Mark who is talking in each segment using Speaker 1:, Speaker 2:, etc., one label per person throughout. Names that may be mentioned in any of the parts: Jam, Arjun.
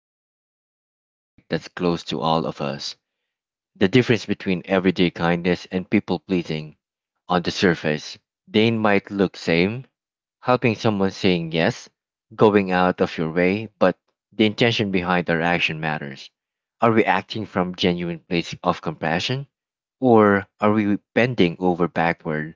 Speaker 1: we are diving into a topic that's close to all of us, the difference between everyday kindness and people pleasing. On the surface, they might look same, helping someone, saying yes, going out of your way, but the intention behind our action matters. Are we acting from genuine place of compassion, or are we bending over backward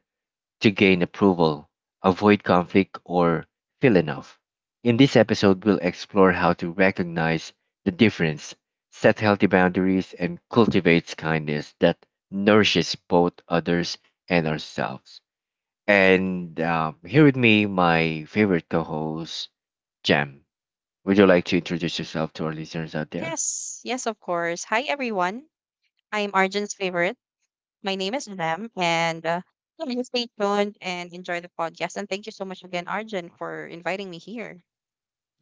Speaker 1: to gain approval, avoid conflict, or feel enough. In this episode, we'll explore how to recognize the difference, set healthy boundaries, and cultivate kindness that nourishes both others and ourselves. And Here with me, my favorite co host, Jam. Would you like to introduce yourself to our listeners out there?
Speaker 2: Yes, yes, of course. Hi, everyone. I'm Arjun's favorite. My name is Lem, and yeah, just stay tuned and enjoy the podcast. And thank you so much again, Arjun, for inviting me here.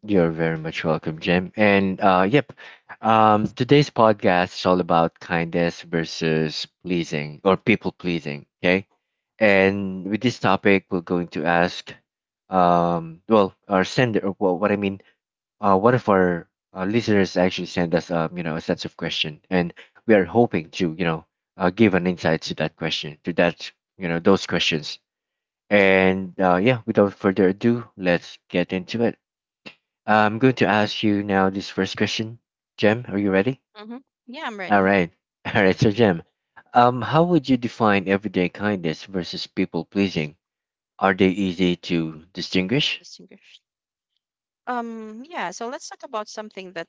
Speaker 1: You're very much welcome, Jim. Today's podcast is all about kindness versus pleasing or people pleasing. Okay. And with this topic, we're going to ask, well, our sender, or what if our listeners actually send us, a sets of question, and we are hoping to, give an insight to that question, to that, those questions. And Yeah, without further ado, let's get into it. I'm going to ask you now this first question. Jem, are you ready?
Speaker 2: Mm-hmm. Yeah, I'm
Speaker 1: All
Speaker 2: ready.
Speaker 1: right. All right, so Jem, how would you define everyday kindness versus people pleasing? Are they easy to distinguish?
Speaker 2: Distinguished. Yeah. So let's talk about something that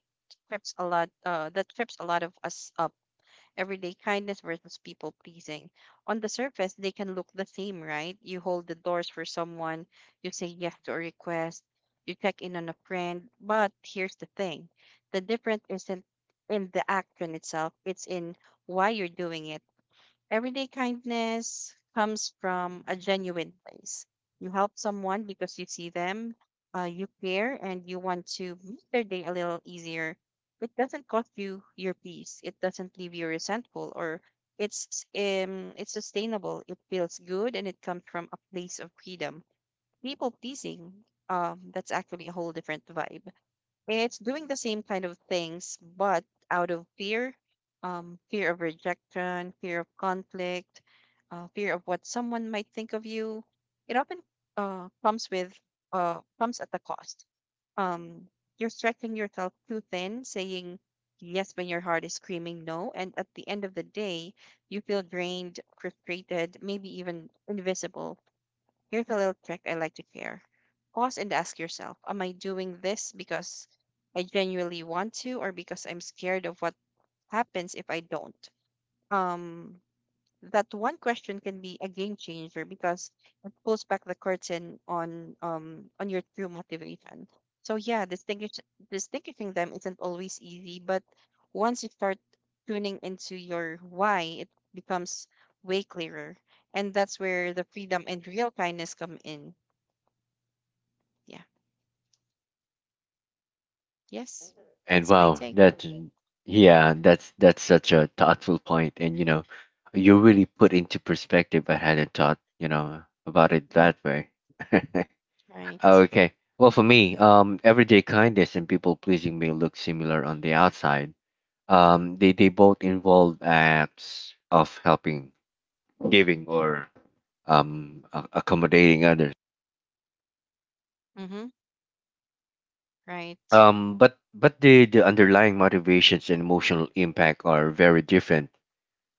Speaker 2: trips a lot. That trips a lot of us up. Everyday kindness versus people pleasing. On the surface, they can look the same, right? You hold the doors for someone, you say yes to a request, you check in on a friend. But here's the thing: the difference isn't in the action itself, it's in why you're doing it. Everyday kindness comes from a genuine place. You help someone because you see them, you care, and you want to make their day a little easier. It doesn't cost you your peace. It doesn't leave you resentful, or it's sustainable. It feels good, and it comes from a place of freedom. People pleasing, that's actually a whole different vibe. It's doing the same kind of things, but out of fear, fear of rejection, fear of conflict, fear of what someone might think of you. It often uh, comes with comes at the cost. Um, you're stretching yourself too thin, saying yes when your heart is screaming no, and at the end of the day, you feel drained, frustrated, maybe even invisible. Here's a little trick I like to share. Pause and ask yourself, am I doing this because I genuinely want to or because I'm scared of what happens if I don't? Um, that one question can be a game changer because it pulls back the curtain on your true motivation. So yeah, distinguishing them isn't always easy, but once you start tuning into your why, it becomes way clearer. And that's where the freedom and real kindness come in, yeah. Yes.
Speaker 1: And
Speaker 2: That's my
Speaker 1: wow,
Speaker 2: take.
Speaker 1: that Yeah, that's such a thoughtful point, and you know, you really put into perspective. I hadn't thought, about it
Speaker 2: Mhm.
Speaker 1: that way.
Speaker 2: Right.
Speaker 1: Okay. Well, for me, everyday kindness and people pleasing may look similar on the outside. They both involve acts of helping, giving, or accommodating others.
Speaker 2: Mm-hmm. Right.
Speaker 1: But the underlying motivations and emotional impact are very different.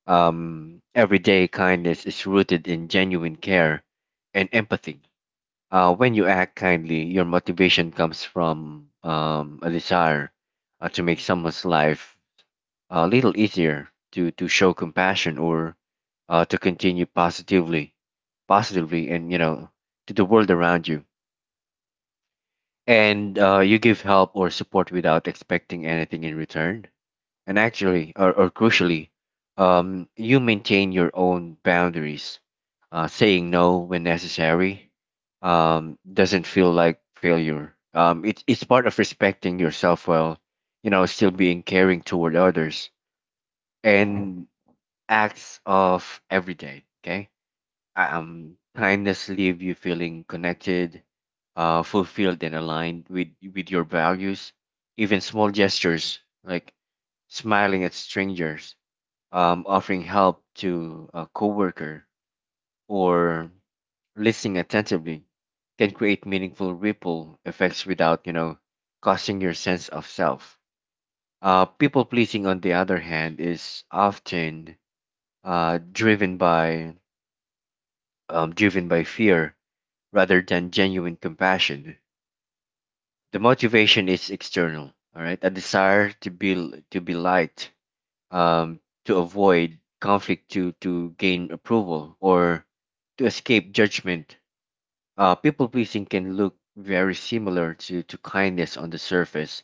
Speaker 1: Everyday kindness is rooted in genuine care and empathy. When you act kindly, your motivation comes from a desire to make someone's life a little easier, to show compassion or to continue positively and, you know, to the world around you. And You give help or support without expecting anything in return, and actually, or crucially, you maintain your own boundaries, saying no when necessary. Um, doesn't feel like failure It's part of respecting yourself while, you know, still being caring toward others. And acts of every day. Okay, kindness leave you feeling connected, fulfilled and aligned with your values. Even small gestures like smiling at strangers, offering help to a coworker, or listening attentively can create meaningful ripple effects without, you know, causing your sense of self. People pleasing, on the other hand, is often uh, driven by driven by fear rather than genuine compassion. The motivation is external, all right, a desire to be liked, um, to avoid conflict, to gain approval, or to escape judgment. People pleasing can look very similar to kindness on the surface,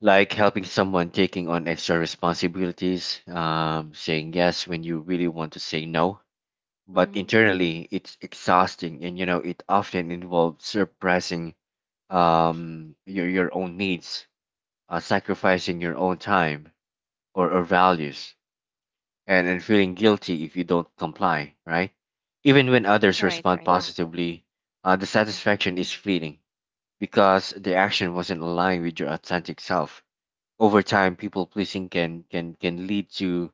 Speaker 1: like helping someone, taking on extra responsibilities, saying yes when you really want to say no. But
Speaker 2: Mm-hmm.
Speaker 1: internally it's exhausting, and you know it often involves suppressing your own needs, sacrificing your own time or values, and feeling guilty if you don't comply, right? Even when others
Speaker 2: Right.
Speaker 1: respond
Speaker 2: Right.
Speaker 1: positively, the
Speaker 2: Mm-hmm.
Speaker 1: satisfaction is fleeting because the action wasn't aligned with your authentic self. Over time, people pleasing can lead to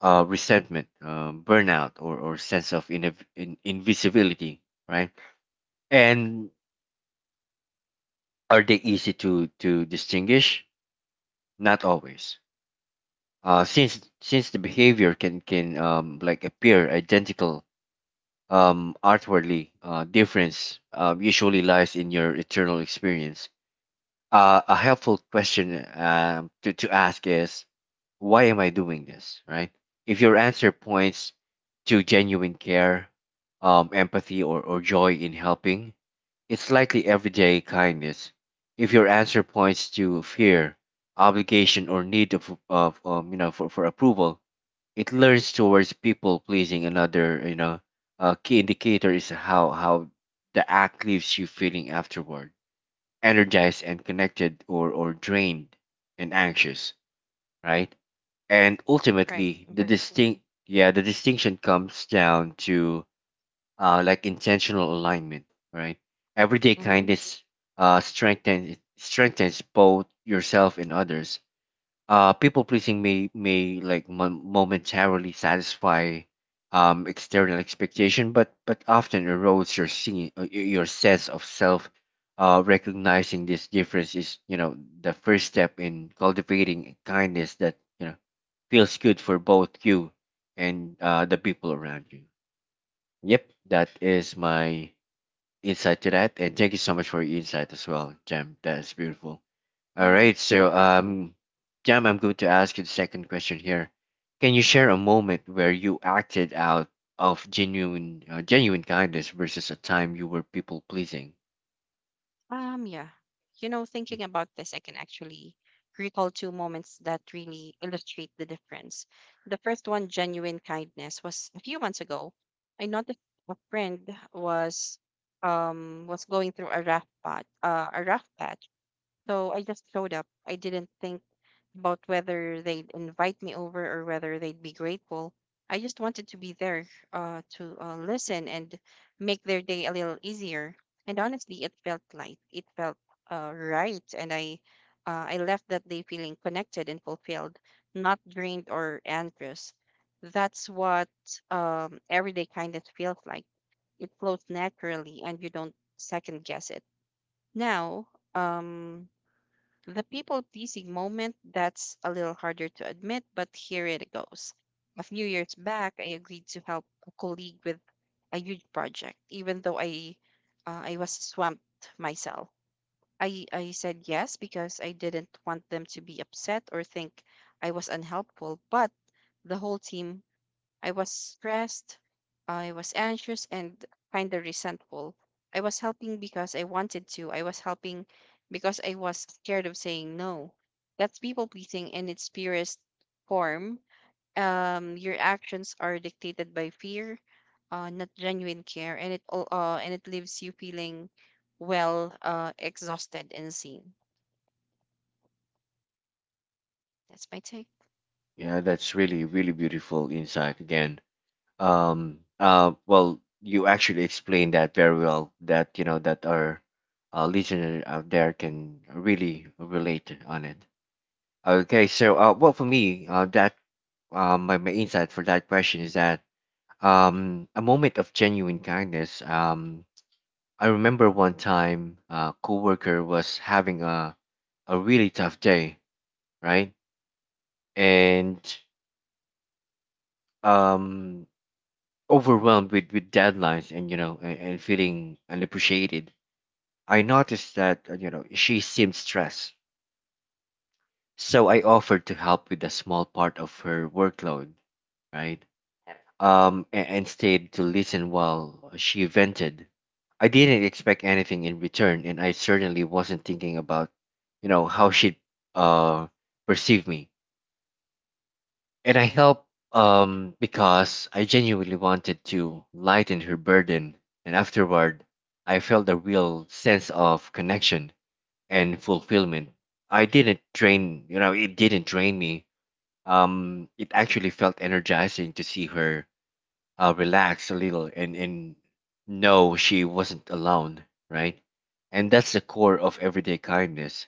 Speaker 1: resentment, burnout, or sense of invisibility, right? And are they easy to distinguish? Not always. Since the behavior can like appear identical outwardly, difference usually lies in your internal experience. A helpful question to ask is, why am I doing this, right? If your answer points to genuine care, empathy, or joy in helping, it's likely everyday kindness. If your answer points to fear, obligation, or need of, for approval, it learns towards people pleasing. Another, you know, key indicator is how the act leaves you feeling afterward, energized and connected, or drained and anxious, right? And
Speaker 2: Right.
Speaker 1: ultimately, the Right.
Speaker 2: Mm-hmm.
Speaker 1: distinct yeah, the distinction comes down to like intentional alignment, right? Everyday
Speaker 2: Mm-hmm.
Speaker 1: kindness strengthens both yourself and others. Uh, people pleasing may like momentarily satisfy external expectation, but often erodes your your sense of self. Recognizing this difference is, you know, the first step in cultivating a kindness that, you know, feels good for both you and the people around you. Yep, that is my insight to that, and thank you so much for your insight as well, Jam. That is beautiful.
Speaker 2: Yeah.
Speaker 1: All
Speaker 2: Yeah.
Speaker 1: right.
Speaker 2: Think-
Speaker 1: So, Jam, I'm going to ask you the second question here. Can you share a moment where you acted out of genuine kindness versus a time you were people pleasing?
Speaker 2: Yeah. You know,
Speaker 1: Mm.
Speaker 2: thinking about this, I can actually recall two moments that really illustrate the difference. The first one, genuine kindness, was a few months ago. I noticed a friend was was going through a rough patch. So I just showed up. I didn't think about whether they'd invite me over or whether they'd be grateful. I just wanted to be there to listen and make their day a little easier. And honestly, it felt light. It felt right. And I left that day feeling connected and fulfilled, not drained or anxious. That's what everyday kindness feels like. It flows naturally, and you don't second guess it. Now, um, the people pleasing moment, that's a little harder to admit, but here it goes. A few years back, I agreed to help a colleague with a huge project, even though I was swamped myself. I said yes because I didn't want them to be upset or think I was unhelpful, but the whole team I was stressed, I was anxious, and kind of resentful. I was helping because I wanted to, I was helping because I was scared of saying no. That's people pleasing in its purest form. Your actions are dictated by fear, not genuine care, and and it leaves you feeling well, exhausted and seen. That's my take.
Speaker 1: Yeah, that's really, really beautiful insight again. Well, you actually explained that very well. That you know that our listener out there can really relate on it. Okay. So, well, for me, that my my insight for that question is that, a moment of genuine kindness. I remember one time a coworker was having a really tough day, right? And um, overwhelmed with deadlines and, you know, and feeling unappreciated. I noticed that, you know, she seemed stressed. So I offered to help with a small part of her workload, right? And stayed to listen while she vented. I didn't expect anything in return, and I certainly wasn't thinking about, you know, how she'd uh, perceive me. And I helped because I genuinely wanted to lighten her burden. And afterward, I felt a real sense of connection and fulfillment. I didn't drain, you know, it didn't drain me. It actually felt energizing to see her relax a little and know she wasn't alone, right? And that's the core of everyday kindness.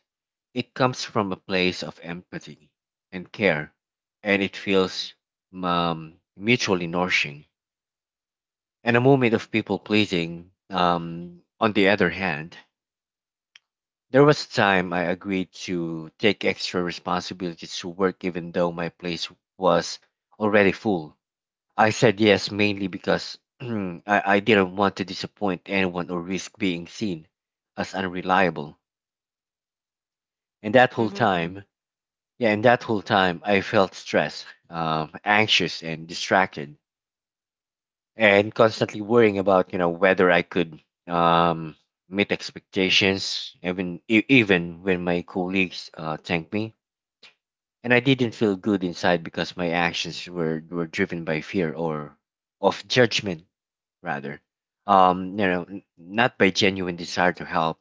Speaker 1: It comes from a place of empathy and care, and it feels mutually nourishing. And a moment of people pleasing, on the other hand, there was a time I agreed to take extra responsibilities to work even though my place was already full. I said yes mainly because I didn't want to disappoint anyone or risk being seen as unreliable. And that whole
Speaker 2: Hmm. Hmm.
Speaker 1: time, yeah, and that whole time, I felt stressed, anxious, and distracted, and constantly worrying about, you know, whether I could um, meet expectations, even even when my colleagues thanked me. And I didn't feel good inside because my actions were driven by fear or of judgment rather, you know, not by genuine desire to help.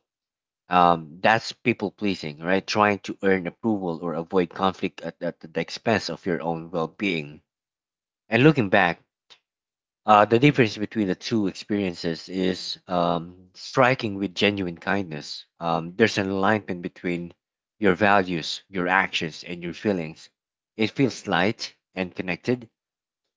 Speaker 1: That's people pleasing, right? Trying to earn approval or avoid conflict at the expense of your own well-being. And looking back, the difference between the two experiences is striking. With genuine kindness, there's an alignment between your values, your actions, and your feelings. It feels light and connected.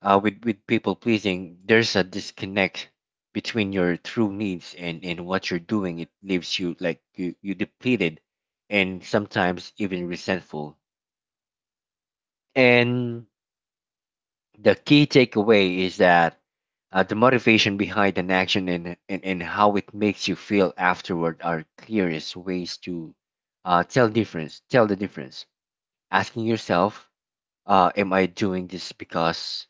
Speaker 1: Uh, with people pleasing, there's a disconnect between your true needs and what you're doing. It leaves you like you depleted, and sometimes even resentful. And the key takeaway is that the motivation behind an action and and how it makes you feel afterward are clearest ways to tell difference. Tell the difference. Asking yourself, "Am I doing this because?"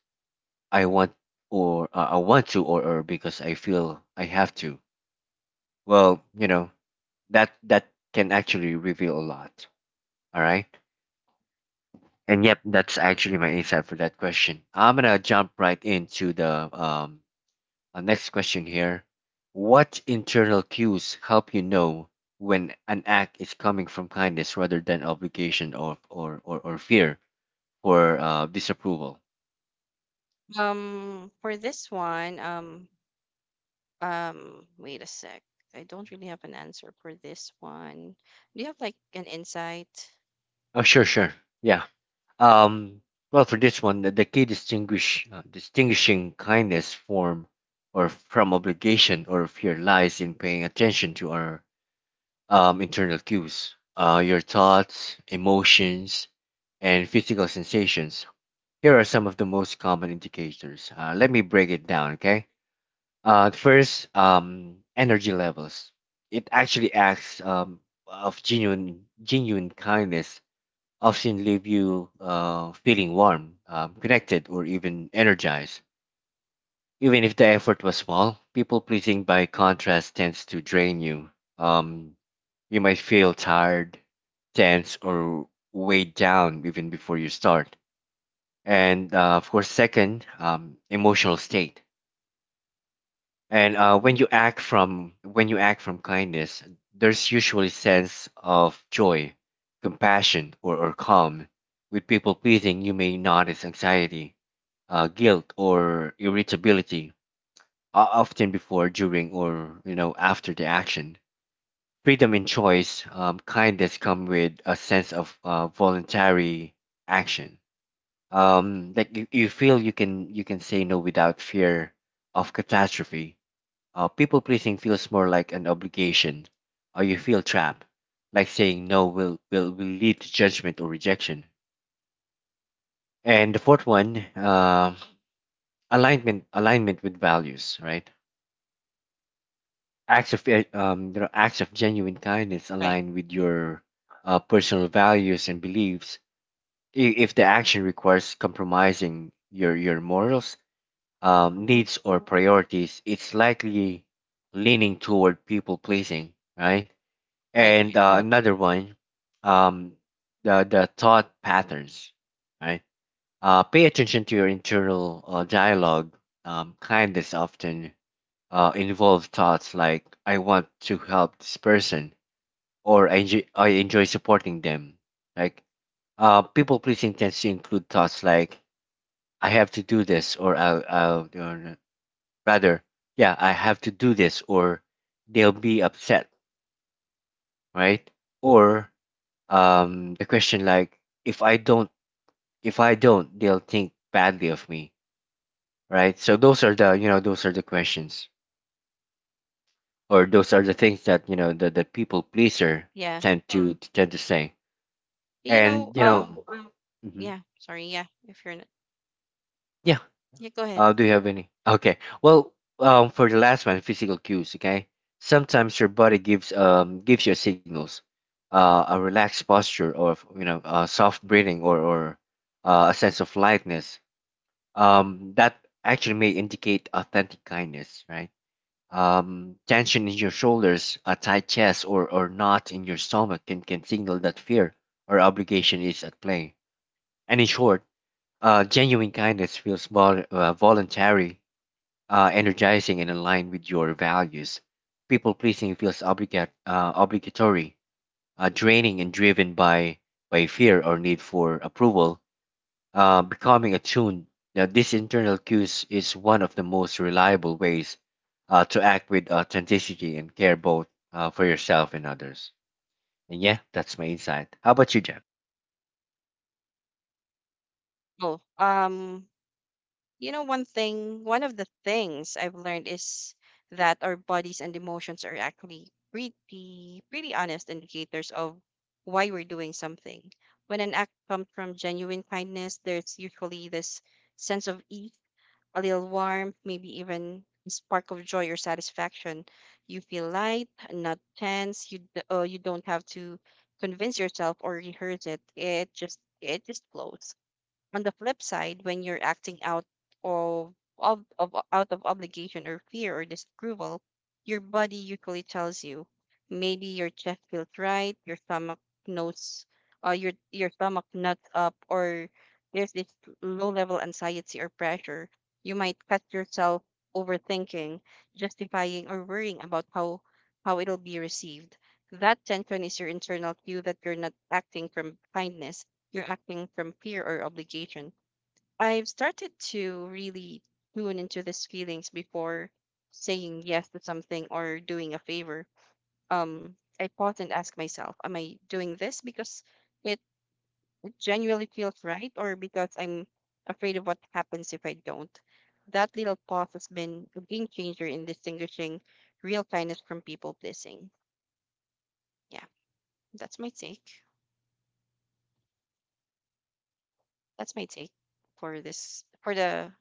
Speaker 1: I want or I want to or because I feel I have to. Well, you know, that can actually reveal a lot. All right. And yep, that's actually my insight for that question. I'm gonna jump right into the next question here. What internal cues help you know when an act is coming from kindness rather than obligation or fear for disapproval?
Speaker 2: For this one, wait a sec. I don't really have an answer for this one. Do you have like an insight?
Speaker 1: Oh, sure, sure. Yeah. Um, well, for this one, the key distinguishing kindness form or from obligation or fear lies in paying attention to our internal cues, your thoughts, emotions, and physical sensations. Here are some of the most common indicators. Let me break it down, okay? First, energy levels. It actually acts of genuine kindness often leave you feeling warm, connected, or even energized. Even if the effort was small, people pleasing by contrast tends to drain you. Um, you might feel tired, tense, or weighed down even before you start. And Of course, second, emotional state. And
Speaker 2: Mhm.
Speaker 1: When you act from, when you act from kindness, there's usually sense of joy, compassion, or calm. With people pleasing, you may notice anxiety, guilt, or irritability, often before, during, or after the action. Freedom in choice, kindness come with a sense of voluntary action. Like you feel you can say no without fear of catastrophe. People pleasing feels more like an obligation, or you feel trapped, like saying no will lead to judgment or rejection. And the fourth one, alignment with values, right? Acts of acts of genuine kindness
Speaker 2: Right.
Speaker 1: align with your personal values and beliefs. If the action requires compromising your morals,
Speaker 2: Mhm.
Speaker 1: needs or priorities, it's likely leaning toward people pleasing, right?
Speaker 2: Right.
Speaker 1: and
Speaker 2: Right.
Speaker 1: uh, another one um the thought patterns, right? Pay attention to your internal dialogue. Kindness often involve thoughts like, "I want to help this person," or "I enjoy supporting them." like People pleasing tends to include thoughts like, "I have to do this," or I'll or rather, yeah, "I have to do this, or they'll be upset," right? Or the question like, "If I don't, they'll think badly of me." Right? So those are, the those are the questions, or those are the things that, the people pleaser
Speaker 2: Yeah.
Speaker 1: tend to say.
Speaker 2: But,
Speaker 1: And you know mhm.
Speaker 2: yeah, sorry, yeah, if you're not,
Speaker 1: yeah
Speaker 2: yeah, go ahead.
Speaker 1: Do you have any? Okay, well, for the last one, physical cues. Okay, sometimes your body gives gives you signals. A relaxed posture, or soft breathing, or a sense of lightness, that actually may indicate authentic kindness, right? Tension in your shoulders, a tight chest, or knot in your stomach can signal that fear or obligation is at play. And in short, genuine kindness feels voluntary, energizing, and aligned with your values. People pleasing feels obligatory, draining, and driven by fear or need for approval. Becoming attuned. Now, this internal cues is one of the most reliable ways to act with authenticity and care, both for yourself and others. And yeah, that's my insight. How about you, Jeff?
Speaker 2: Oh, one one of the things I've learned is that our bodies and emotions are actually pretty, pretty honest indicators of why we're doing something. When an act comes from genuine kindness, there's usually this sense of ease, a little warmth, maybe even a spark of joy or satisfaction. You feel light, not tense. You don't have to convince yourself or rehearse it. It just flows. On the flip side, when you're acting of, out of obligation or fear or disapproval, your body usually tells you. Maybe your chest feels right, your stomach knows, your stomach nuts up, or there's this low level anxiety or pressure. You might cut yourself overthinking, justifying, or worrying about how it'll be received. That tension is your internal cue that you're not acting from kindness. You're acting from fear or obligation. I've started to really tune into these feelings before saying yes to something or doing a favor. Um, I pause and ask myself, am I doing this because it genuinely feels right or because I'm afraid of what happens if I don't? That little pause has been a game changer in distinguishing real kindness from people pleasing. Yeah, that's my take. That's my take for this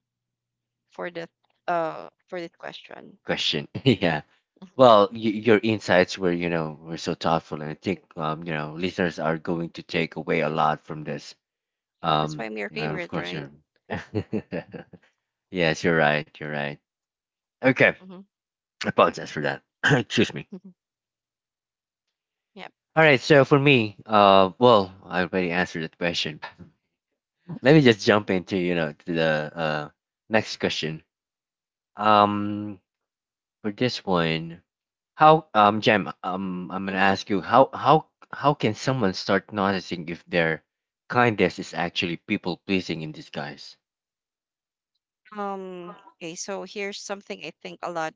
Speaker 2: for the for that question.
Speaker 1: Question. Yeah.
Speaker 2: Mhm.
Speaker 1: Well, your insights were, you know, were so thoughtful, and I think, you know, listeners are going to take away a lot from this.
Speaker 2: That's why I'm your
Speaker 1: And of
Speaker 2: favorite,
Speaker 1: course,
Speaker 2: right?
Speaker 1: you're. Yes, you're right. You're right. Okay,
Speaker 2: Mm-hmm.
Speaker 1: I apologize for that. Excuse me.
Speaker 2: Yep.
Speaker 1: All right, so for me, well, I already answered that question. Let me just jump into, you know, to the next question. Um, for this one, how, Jem, I'm gonna
Speaker 2: hmm
Speaker 1: ask you, how can someone start noticing if their kindness is actually people pleasing in disguise?
Speaker 2: Okay. So here's something I think a lot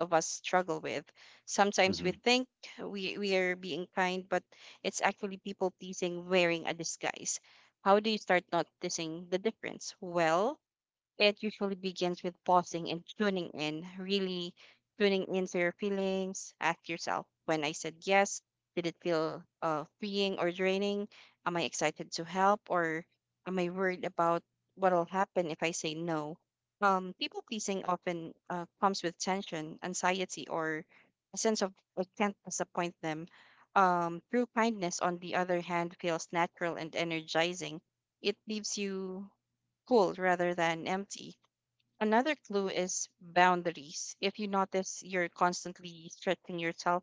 Speaker 2: of us struggle with. Sometimes
Speaker 1: Hmm.
Speaker 2: we think we are being kind, but it's actually people pleasing wearing a disguise. How do you start noticing the difference? Well, it usually begins with pausing and tuning in, really tuning into your feelings. Ask yourself, when I said yes, did it feel freeing or draining? Am I excited to help or am I worried about what will happen if I say no? People pleasing often comes with tension, anxiety, or a sense of I can't disappoint them. True kindness, on the other hand, feels natural and energizing. It leaves you full rather than empty. Another clue is boundaries. If you notice you're constantly stretching yourself,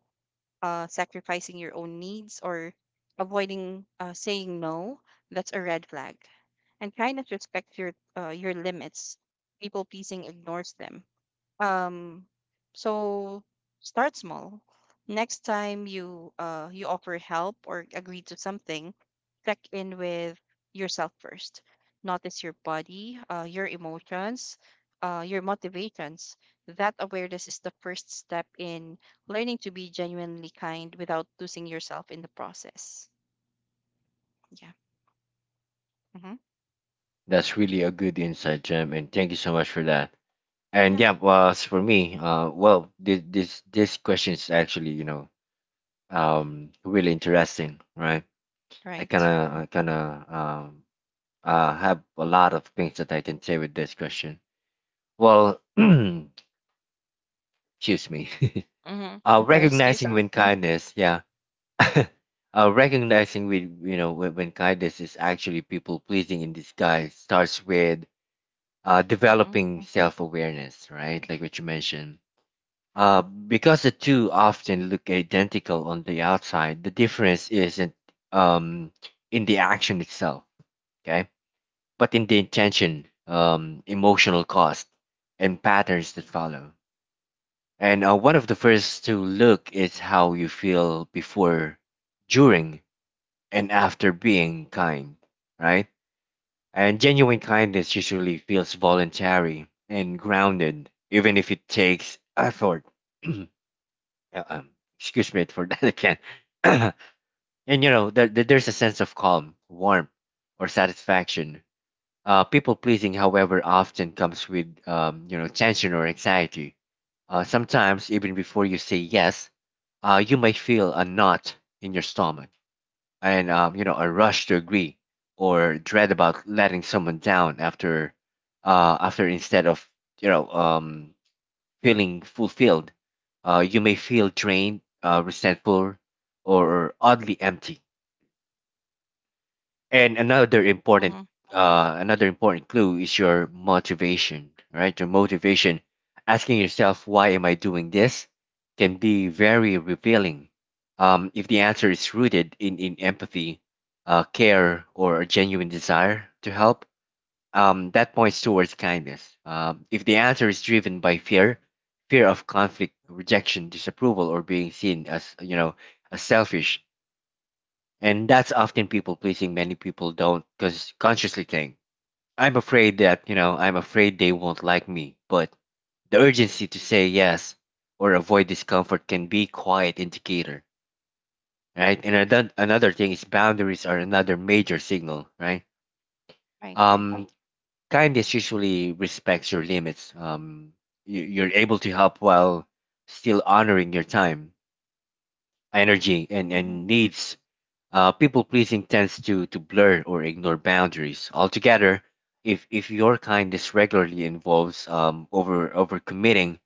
Speaker 2: sacrificing your own needs, or avoiding saying no, that's a red flag. And kindness respects your limits. People pleasing ignores them. Um, so start small. Next time you offer help or agree to something, check in with yourself first. Notice your body, your emotions, your motivations. That awareness is the first step in learning to be genuinely kind without losing yourself in the process. Yeah. Mm-hmm.
Speaker 1: That's really a good insight, Jem, and thank you so much for that. And
Speaker 2: Yeah.
Speaker 1: yeah, well, as for me, well, this question is actually, you know, really interesting, right?
Speaker 2: Right.
Speaker 1: I kind of have a lot of things that I can say with this question. Well, excuse me.
Speaker 2: Mm-hmm. Or excuse.
Speaker 1: Recognizing when kindness, yeah. Recognizing, with you know, when kindness is actually people pleasing in disguise starts with
Speaker 2: Mm-hmm.
Speaker 1: developing self awareness, right? Like what you mentioned. Because the two often look identical on the outside, the difference isn't um, in the action itself. Okay, but in the intention, emotional cost, and patterns that follow. And one of the first to look is how you feel before, during, and after being kind, right? And genuine kindness usually feels voluntary and grounded, even if it takes effort. Uh, um, Excuse me for that again. And you know, there, there's a sense of calm, warmth, or satisfaction. People pleasing, however, often comes with you know, tension or anxiety. Sometimes, even before you say yes, you might feel a knot in your stomach, and you know, a rush to agree, or dread about letting someone down after after instead of you know feeling fulfilled. You may feel drained, resentful, or oddly empty. And another important
Speaker 2: Mm-hmm.
Speaker 1: another important clue is your motivation, right? Your motivation. Asking yourself, "Why am I doing this?" can be very revealing. If the answer is rooted in empathy, care, or a genuine desire to help, that points towards kindness. If the answer is driven by fear, fear of conflict, rejection, disapproval, or being seen as, you know, as selfish, and that's often people pleasing. Many people don't consciously think, "I'm afraid that, you know, I'm afraid they won't like me," but the urgency to say yes or avoid discomfort can be quiet indicator, right? And another thing is boundaries are another major signal, right?
Speaker 2: Right. Right.
Speaker 1: um Kindness usually respects your limits. You're able to help while still honoring your time, energy,
Speaker 2: Mm-hmm.
Speaker 1: and needs. Uh, people pleasing tends to blur or ignore boundaries altogether. If your kindness regularly involves overcommitting,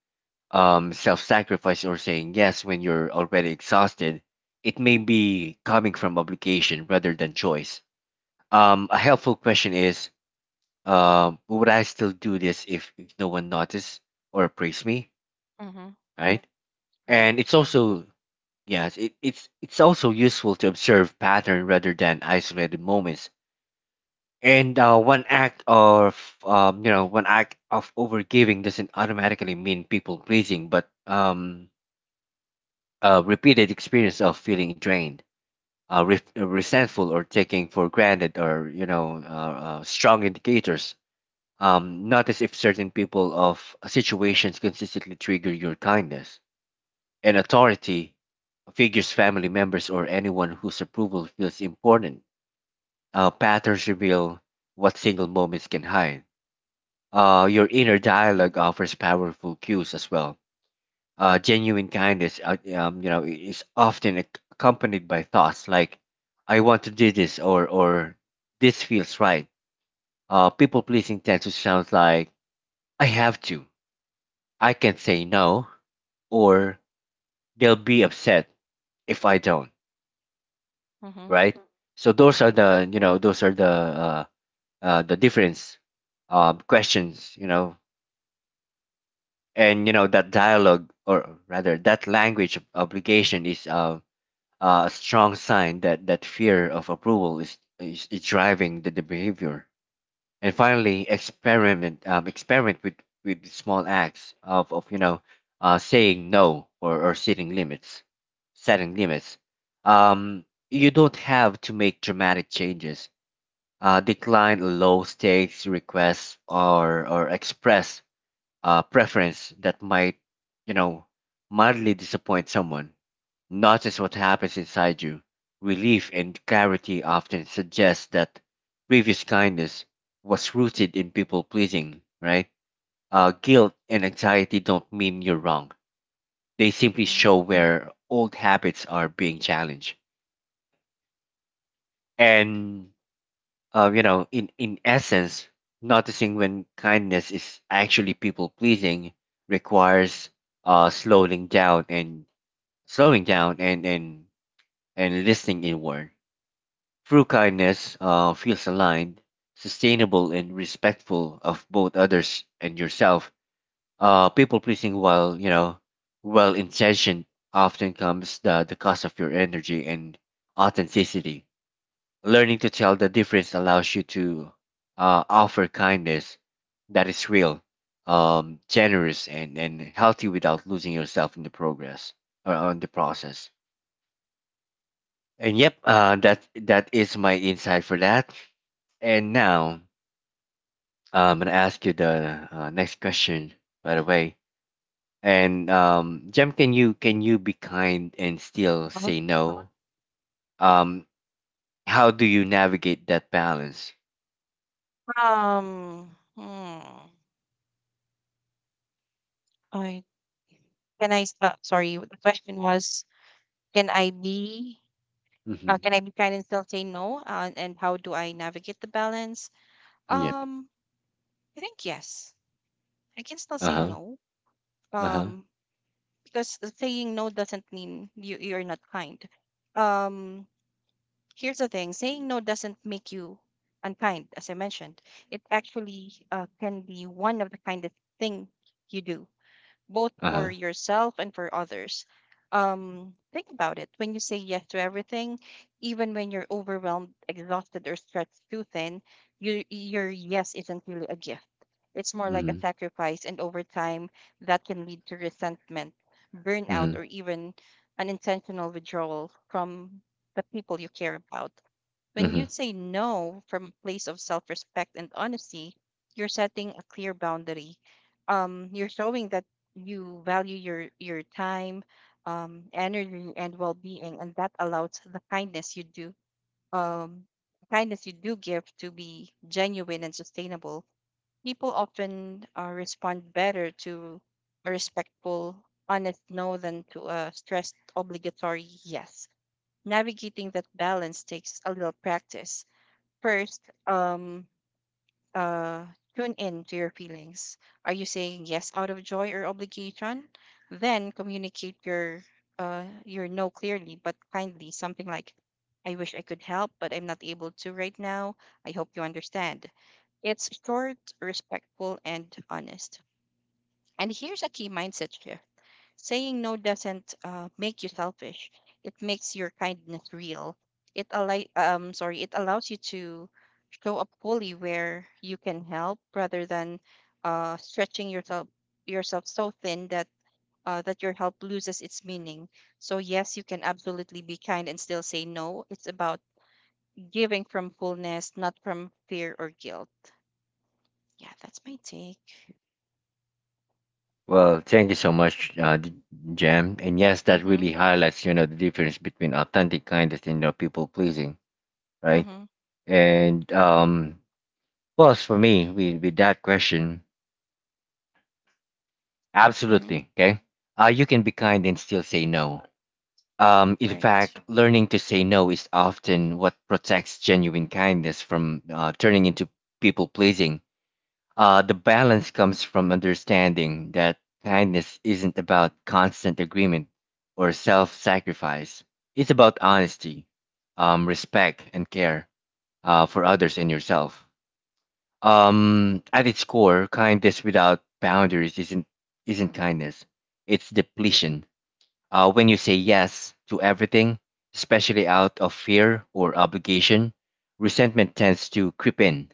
Speaker 1: self-sacrifice, or saying yes when you're already exhausted, it may be coming from obligation rather than choice. A helpful question is, would I still do this if no one noticed or praised me?
Speaker 2: Mm-hmm.
Speaker 1: Right?
Speaker 2: Right.
Speaker 1: And it's also, yes, it's also useful to observe pattern rather than isolated moments. And one act of one act of overgiving doesn't automatically mean people pleasing, but a repeated experience of feeling drained, resentful, or taking for granted, or strong indicators. Notice if certain people of situations consistently trigger your kindness, and authority figures, family members, or anyone whose approval feels important. Patterns reveal what single moments can hide. Your inner
Speaker 2: Mm-hmm.
Speaker 1: dialogue offers powerful cues as well. Genuine kindness, is often accompanied by thoughts like, "I want to do this," or "this feels right." People pleasing tends to sound like, "I have to," "I can not say no," or "They'll be upset if I don't."
Speaker 2: Mm-hmm.
Speaker 1: Right? So those are,
Speaker 2: Right.
Speaker 1: the those are the difference, questions, you know. And you know, that dialogue, or rather that language of obligation is a strong sign that that fear of approval is driving the behavior. And finally, experiment, experiment with small acts of, you know, saying no, or, or setting limits, setting limits um, you don't have to make dramatic changes. Uh, decline low stakes requests, or express preference that might, you know, mildly disappoint someone. Notice what happens inside you. Relief and clarity often suggest that previous kindness was rooted in people pleasing, right? Guilt and anxiety don't mean you're wrong. They simply
Speaker 2: Mm.
Speaker 1: show where old habits are being challenged. And you know, in essence, noticing when kindness is actually people pleasing requires slowing down and slowing down and and and listening inward. True kindness feels aligned, sustainable, and respectful of both others and yourself. People pleasing, while you know, well intentioned, often comes the cost of your energy and authenticity. Learning to tell the difference allows you to offer kindness that is real, generous, and healthy without losing yourself in the progress or on the process. And yep, that is my insight for that. And now I'm gonna ask you the next question, by the way. And Jem, can you be kind and still
Speaker 2: Uh-huh.
Speaker 1: say no? Um, how do you navigate that balance?
Speaker 2: Hmm. I can I. s- Sorry. The question was, can I be?
Speaker 1: Mm-hmm.
Speaker 2: Can I be kind and still say no? And how do I navigate the balance?
Speaker 1: Yep.
Speaker 2: Um. I think yes. I can still
Speaker 1: Uh
Speaker 2: say
Speaker 1: huh.
Speaker 2: no.
Speaker 1: Uh huh.
Speaker 2: Um. Because saying no doesn't mean you're not kind. Um. Here's the thing. Saying no doesn't make you unkind, as I mentioned. It actually can be one of the kindest thing you do both for
Speaker 1: Uh-huh.
Speaker 2: yourself and for others. Think about it. When you say yes to everything, even when you're overwhelmed, exhausted, or stretched too thin, your yes isn't really a gift. It's more like a
Speaker 1: Mm-hmm.
Speaker 2: sacrifice, and over time, that can lead to resentment, burnout,
Speaker 1: Mm-hmm.
Speaker 2: or even unintentional withdrawal from the people you care about. When
Speaker 1: Mm-hmm.
Speaker 2: you say no from a place of self respect and honesty, you're setting a clear boundary. You're showing that you value your time, energy, and well being, and that allows the kindness you do. Um, kindness you do give to be genuine and sustainable. People often respond better to a respectful, honest no than to a stressed, obligatory yes. Navigating that balance takes a little practice. First, um, uh, tune in to your feelings. Are you saying yes out of joy or obligation? Then communicate your no clearly but kindly. Something like, "I wish I could help, but I'm not able to right now. I hope you understand." It's short, respectful, and honest. And here's a key mindset shift. Saying no doesn't make you selfish. It makes your kindness real. It allows you to show up fully where you can help rather than stretching yourself so thin that that your help loses its meaning. So yes, you can absolutely be kind and still say no. It's about giving from fullness, not from fear or guilt. Yeah, that's my take.
Speaker 1: Well, thank you so much, Jam. And yes, that
Speaker 2: Mhm.
Speaker 1: really highlights, you know, the difference between authentic kindness and, you know, people pleasing, right?
Speaker 2: Mhm.
Speaker 1: And plus for me, with that question,
Speaker 2: Mhm.
Speaker 1: absolutely, okay? You can be kind and still say no. In
Speaker 2: Right.
Speaker 1: fact, learning to say no is often what protects genuine kindness from turning into people pleasing. The balance comes from understanding that kindness isn't about constant agreement or self sacrifice. It's about honesty, respect, and care for others and yourself. At its core, kindness without boundaries isn't kindness, it's depletion. When you say yes to everything, especially out of fear or obligation, resentment tends to creep in,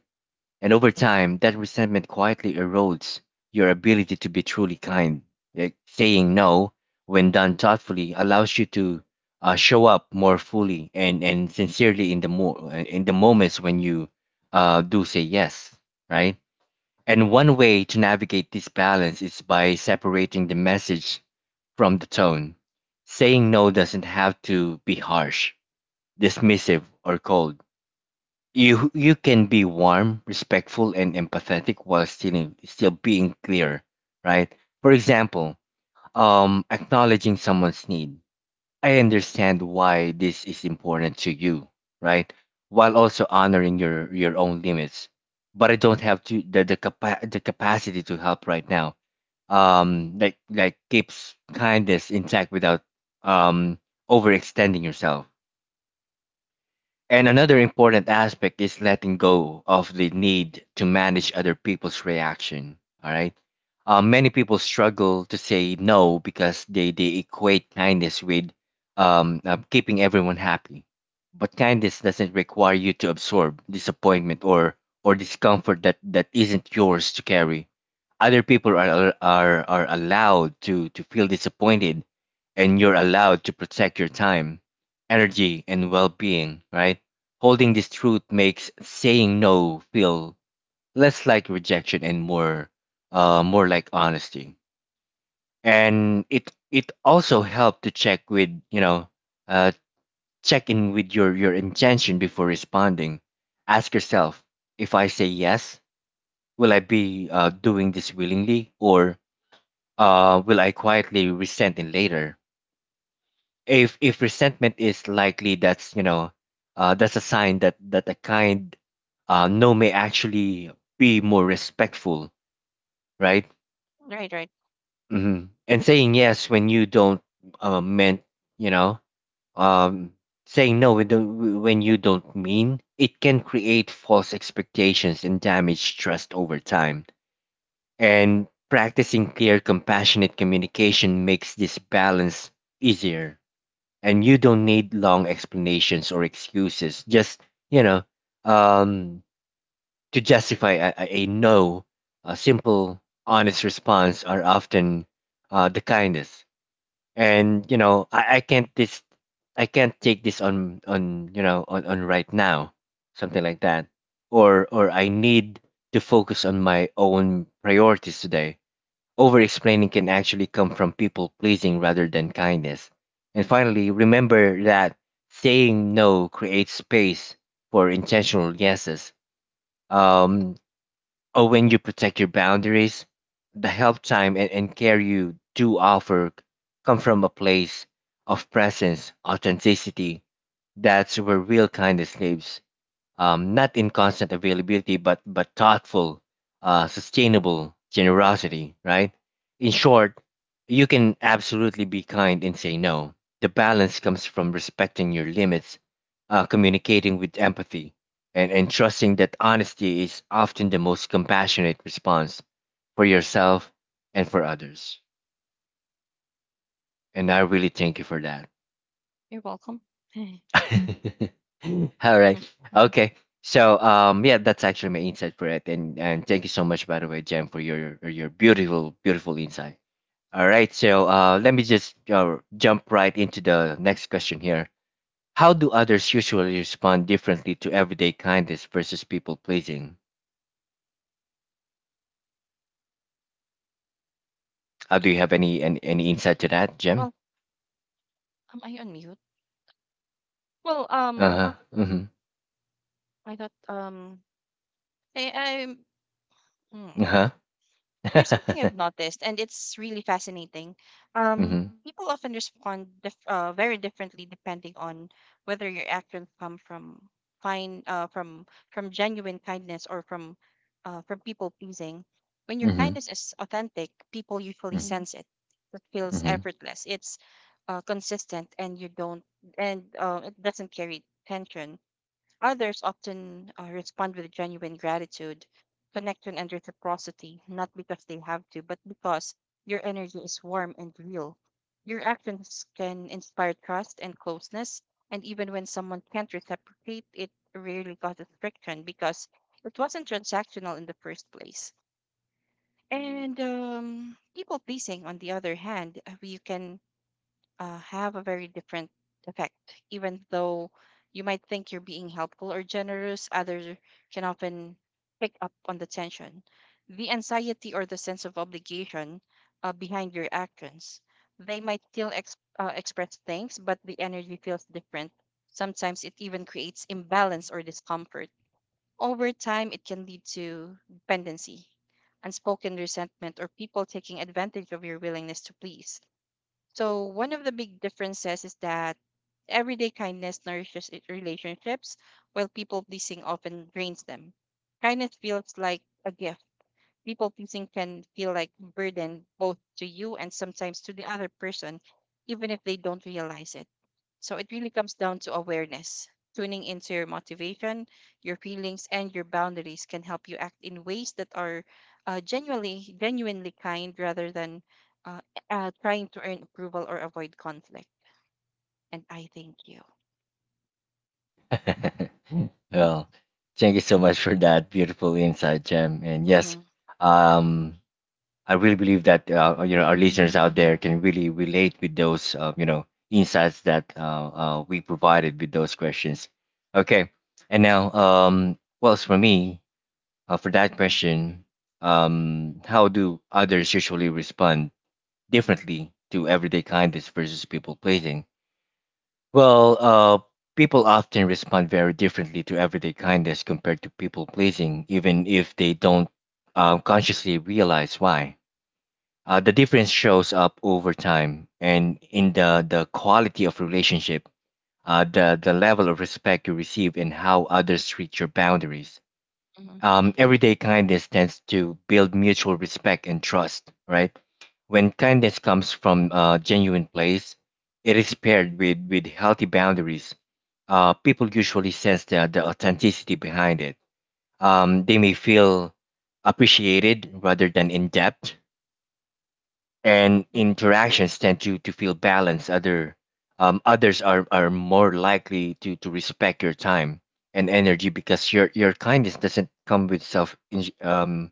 Speaker 1: and over time, that resentment quietly erodes your ability to be truly kind. Like saying no, when done thoughtfully, allows you to show up more fully and sincerely in the in the moments when you do say yes, right? And one way to navigate this balance is by separating the message from the tone. Saying no doesn't have to be harsh, dismissive, or cold. You can be warm, respectful, and empathetic while still being clear, right? For example, acknowledging someone's need. I understand why this is important to you, right? While also honoring your own limits. But I don't have to the capacity to help right now. Like keeps kindness intact without um overextending yourself, and another important aspect is letting go of the need to manage other people's reaction. All right. Many people struggle to say no because they equate kindness with keeping everyone happy. But kindness doesn't require you to absorb disappointment or discomfort that isn't yours to carry. Other people are allowed to feel disappointed, and you're allowed to protect your time, energy, and well-being. Right? Holding this truth makes saying no feel less like rejection and more more like honesty. And it also helped to uh check in with your intention before responding. Ask yourself, if I say yes, will I be doing this willingly, or will I quietly resent it later? If resentment is likely, that's a sign that a kind no may actually be more respectful, right?
Speaker 2: Right, right.
Speaker 1: hmm And saying yes when you don't meant, you know, um, saying no when when you don't mean it can create false expectations and damage trust over time. And practicing clear, compassionate communication makes this balance easier. And you don't need long explanations or excuses, just you know um to justify a no. A simple, honest response are often the kindest. And you know I can't this. I can't take this on on right now, something like that. Or I need to focus on my own priorities today. Over explaining can actually come from people pleasing rather than kindness. And finally, remember that saying no creates space for intentional yeses. Um, or when you protect your boundaries, the help, time, and care you do offer come from a place of presence, authenticity. That's where real kindness lives, not in constant availability, but thoughtful, sustainable generosity, right? In short, you can absolutely be kind and say no. The balance comes from respecting your limits, communicating with empathy, and trusting that honesty is often the most compassionate response for yourself and for others. And I really thank you for that.
Speaker 2: You're welcome.
Speaker 1: All right.
Speaker 2: Mhm.
Speaker 1: Okay. So yeah, that's actually my insight for it. And thank you so much, by the way, Jem, for your beautiful, beautiful insight. All right. So let me just jump right into the next question here. How do others usually respond differently to everyday kindness versus people pleasing? Do you have any insight to that, Jem?
Speaker 2: Well, am I on mute? Well,
Speaker 1: Uh-huh. Mm-hmm.
Speaker 2: I thought, I'm, hmm.
Speaker 1: Uh-huh.
Speaker 2: Here's something I've noticed, and it's really fascinating.
Speaker 1: Mm-hmm.
Speaker 2: People often respond dif very differently depending on whether your actions come fine, uh, from from genuine kindness or from people pleasing. When your
Speaker 1: Mm-hmm.
Speaker 2: kindness is authentic, people usually sense it. It feels
Speaker 1: Mm-hmm.
Speaker 2: effortless. It's, consistent, and you don't, and it doesn't carry tension. Others often respond with genuine gratitude, connection, and reciprocity, not because they have to, but because your energy is warm and real. Your actions can inspire trust and closeness, and even when someone can't reciprocate, it rarely causes friction because it wasn't transactional in the first place. And People pleasing, on the other hand, you can have a very different effect. Even though you might think you're being helpful or generous, others can often pick up on the tension, the anxiety, or the sense of obligation behind your actions. They might still express thanks, but the energy feels different. Sometimes it even creates imbalance or discomfort. Over time, it can lead to dependency, unspoken resentment, or people taking advantage of your willingness to please. So one of the big differences is that everyday kindness nourishes relationships, while people pleasing often drains them. Kindness feels like a gift. People pleasing can feel like burden both to you and sometimes to the other person, even if they don't realize it. So it really comes down to awareness. Tuning into your motivation, your feelings, and your boundaries can help you act in ways that are genuinely kind rather than uh, trying to earn approval or avoid conflict. And I thank you.
Speaker 1: Well, thank you so much for that beautiful insight, Jem. And yes,
Speaker 2: Mm-hmm,
Speaker 1: um, I really believe that our listeners out there can really relate with those insights that we provided with those questions. Okay, and now, well, as for me, for that question, how do others usually respond differently to everyday kindness versus people pleasing? Well, people often respond very differently to everyday kindness compared to people pleasing, even if they don't consciously realize why. The difference shows up over time and in the quality of relationship, the level of respect you receive, and how others treat your boundaries.
Speaker 2: mm-hmm,
Speaker 1: Everyday kindness tends to build mutual respect and trust, right? When kindness comes from a genuine place, it is paired with healthy boundaries. People usually sense the authenticity behind it. They may feel appreciated rather than in depth, and
Speaker 2: mm-hmm,
Speaker 1: interactions tend to feel balanced. Others are more likely to respect your time and energy because your kindness doesn't come with self in- um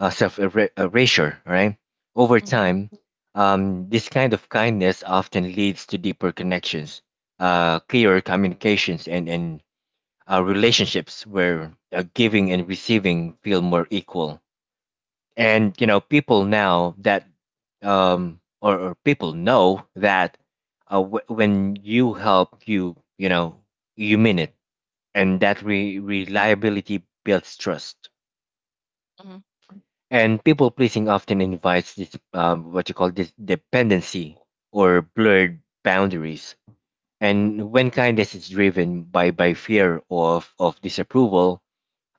Speaker 1: uh, self erasure, right? Over
Speaker 2: mm-hmm,
Speaker 1: time, this kind of kindness often leads to deeper connections, clearer communications, and relationships where giving and receiving feel more equal. And you know People now that or people know that when you help, you mean it, and that reliability builds trust.
Speaker 2: mm-hmm,
Speaker 1: And people pleasing often invites this, what you call this, dependency or blurred boundaries. And when kindness is driven by fear of disapproval,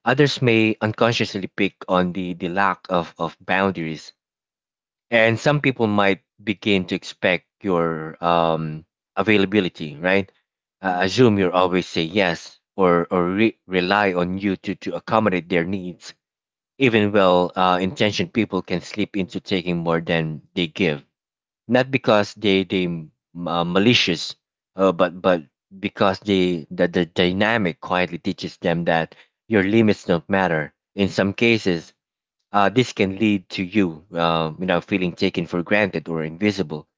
Speaker 1: others may unconsciously pick on the lack of boundaries, and some people might begin to expect your availability, right?
Speaker 2: mm-hmm,
Speaker 1: Assume you'll always say yes, or rely on you to accommodate their needs. Even well- intentioned people can slip into taking more than they give, not because they m- malicious, but because the dynamic quietly teaches them that your limits don't matter. In some cases, this can lead to you, feeling taken for granted or invisible.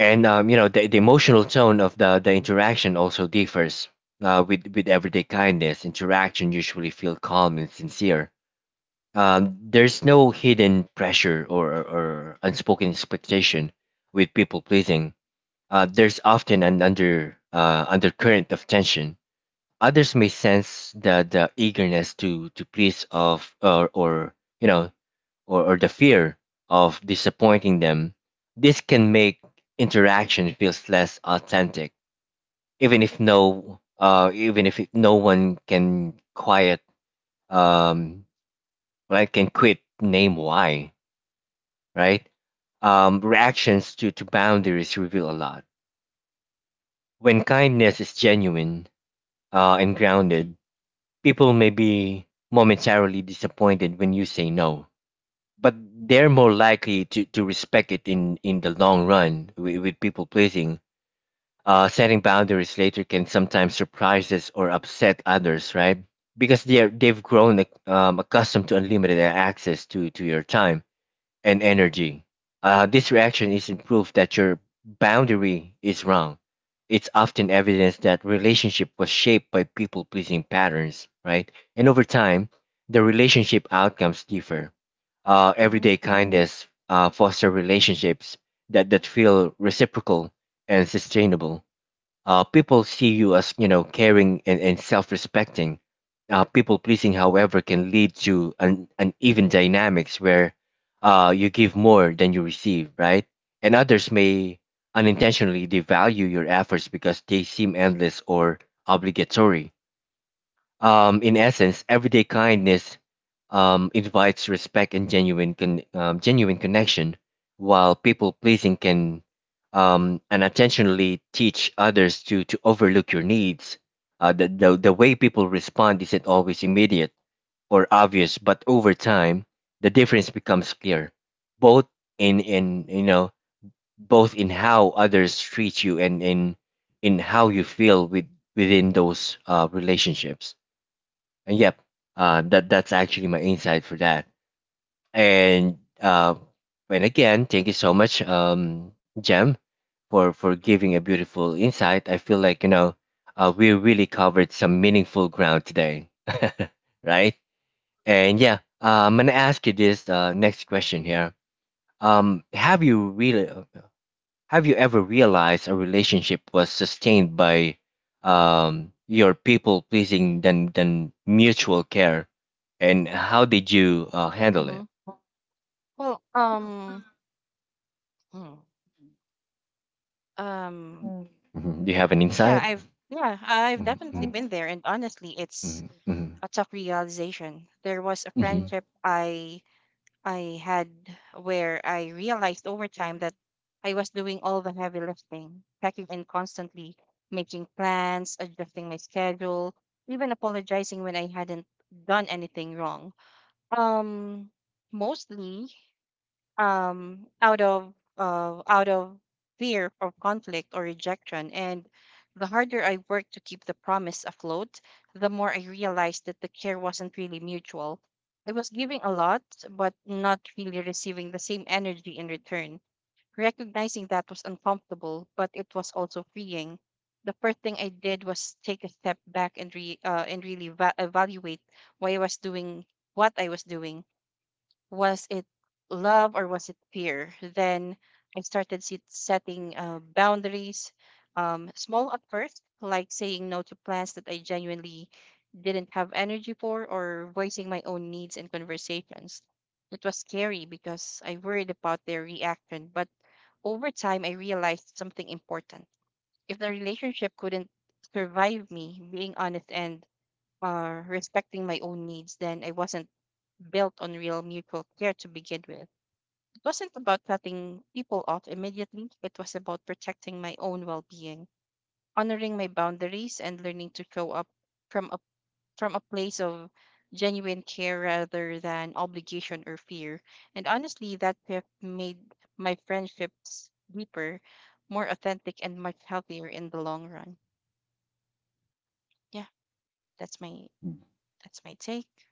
Speaker 1: And the emotional tone of the interaction also differs. With with everyday kindness, interaction usually feel calm and sincere. There's no hidden pressure, or unspoken expectation. With people pleasing, there's often an undercurrent of tension. Others may sense the eagerness to please, of or you know or the fear of disappointing them. This can make interaction feels less authentic, even if no, even if it, no one can um, right, can quit name why, right? Reactions to boundaries reveal a lot. When kindness is genuine and grounded, people may be momentarily disappointed when you say no, but they're more likely to respect it in the long run. With people pleasing, setting boundaries later can sometimes surprise us or upset others, right? Because they've grown accustomed to unlimited access to your time and energy. This reaction isn't proof that your boundary is wrong. It's often evidence that relationship was shaped by people pleasing patterns, right? And over time, the relationship outcomes differ.
Speaker 2: mm-hmm,
Speaker 1: Everyday kindness foster relationships that feel reciprocal and sustainable. People see you as, you know, caring and self-respecting. People pleasing, however, can lead to an uneven dynamics where you give more than you receive, right? And others may unintentionally devalue your efforts because they seem endless or obligatory. In essence, everyday kindness invites respect and genuine connection, while people pleasing can unintentionally teach others to overlook your needs. The way people respond isn't always immediate or obvious, but over time, the difference becomes clear, both in you know both in how others treat you, and in how you feel within those relationships. And yep, that that's actually my insight for that. And uh, and again, thank you so much, Jem, for giving a beautiful insight. I feel like, you know, we really covered some meaningful ground today, right? And yeah, I'm gonna ask you this next question here. Have you really? Have you ever realized a relationship was sustained by your people pleasing than mutual care? And how did you handle it?
Speaker 2: mm-hmm. Well, hmm, um,
Speaker 1: Mhm. Do you have an
Speaker 2: yeah,
Speaker 1: insight?
Speaker 2: I've
Speaker 1: Mhm,
Speaker 2: definitely been there, and honestly, it's
Speaker 1: mhm, mhm,
Speaker 2: a tough realization. There was a
Speaker 1: mhm.
Speaker 2: friendship I had where I realized over time that I was doing all the heavy lifting, checking in constantly, making plans, adjusting my schedule, even apologizing when I hadn't done anything wrong. Um, mostly out of fear of conflict or rejection. And the harder I worked to keep the promise afloat, the more I realized that the care wasn't really mutual. I was giving a lot, but not really receiving the same energy in return. Recognizing that was uncomfortable, but it was also freeing. The first thing I did was take a step back and re and really evaluate why I was doing what I was doing. Was it love or was it fear? Then I started setting boundaries, small at first, like saying no to plans that I genuinely didn't have energy for or voicing my own needs in conversations. It was scary because I worried about their reaction, but over time I realized something important. If the relationship couldn't survive me being honest and respecting my own needs, then I wasn't built on real mutual care to begin with. It wasn't about cutting people off immediately, it was about protecting my own well being, honoring my boundaries, and learning to show up from a, from a place of genuine care rather than obligation or fear. And honestly, that shift made my friendships deeper, more authentic, and much healthier in the long run. Yeah, that's my that's my take.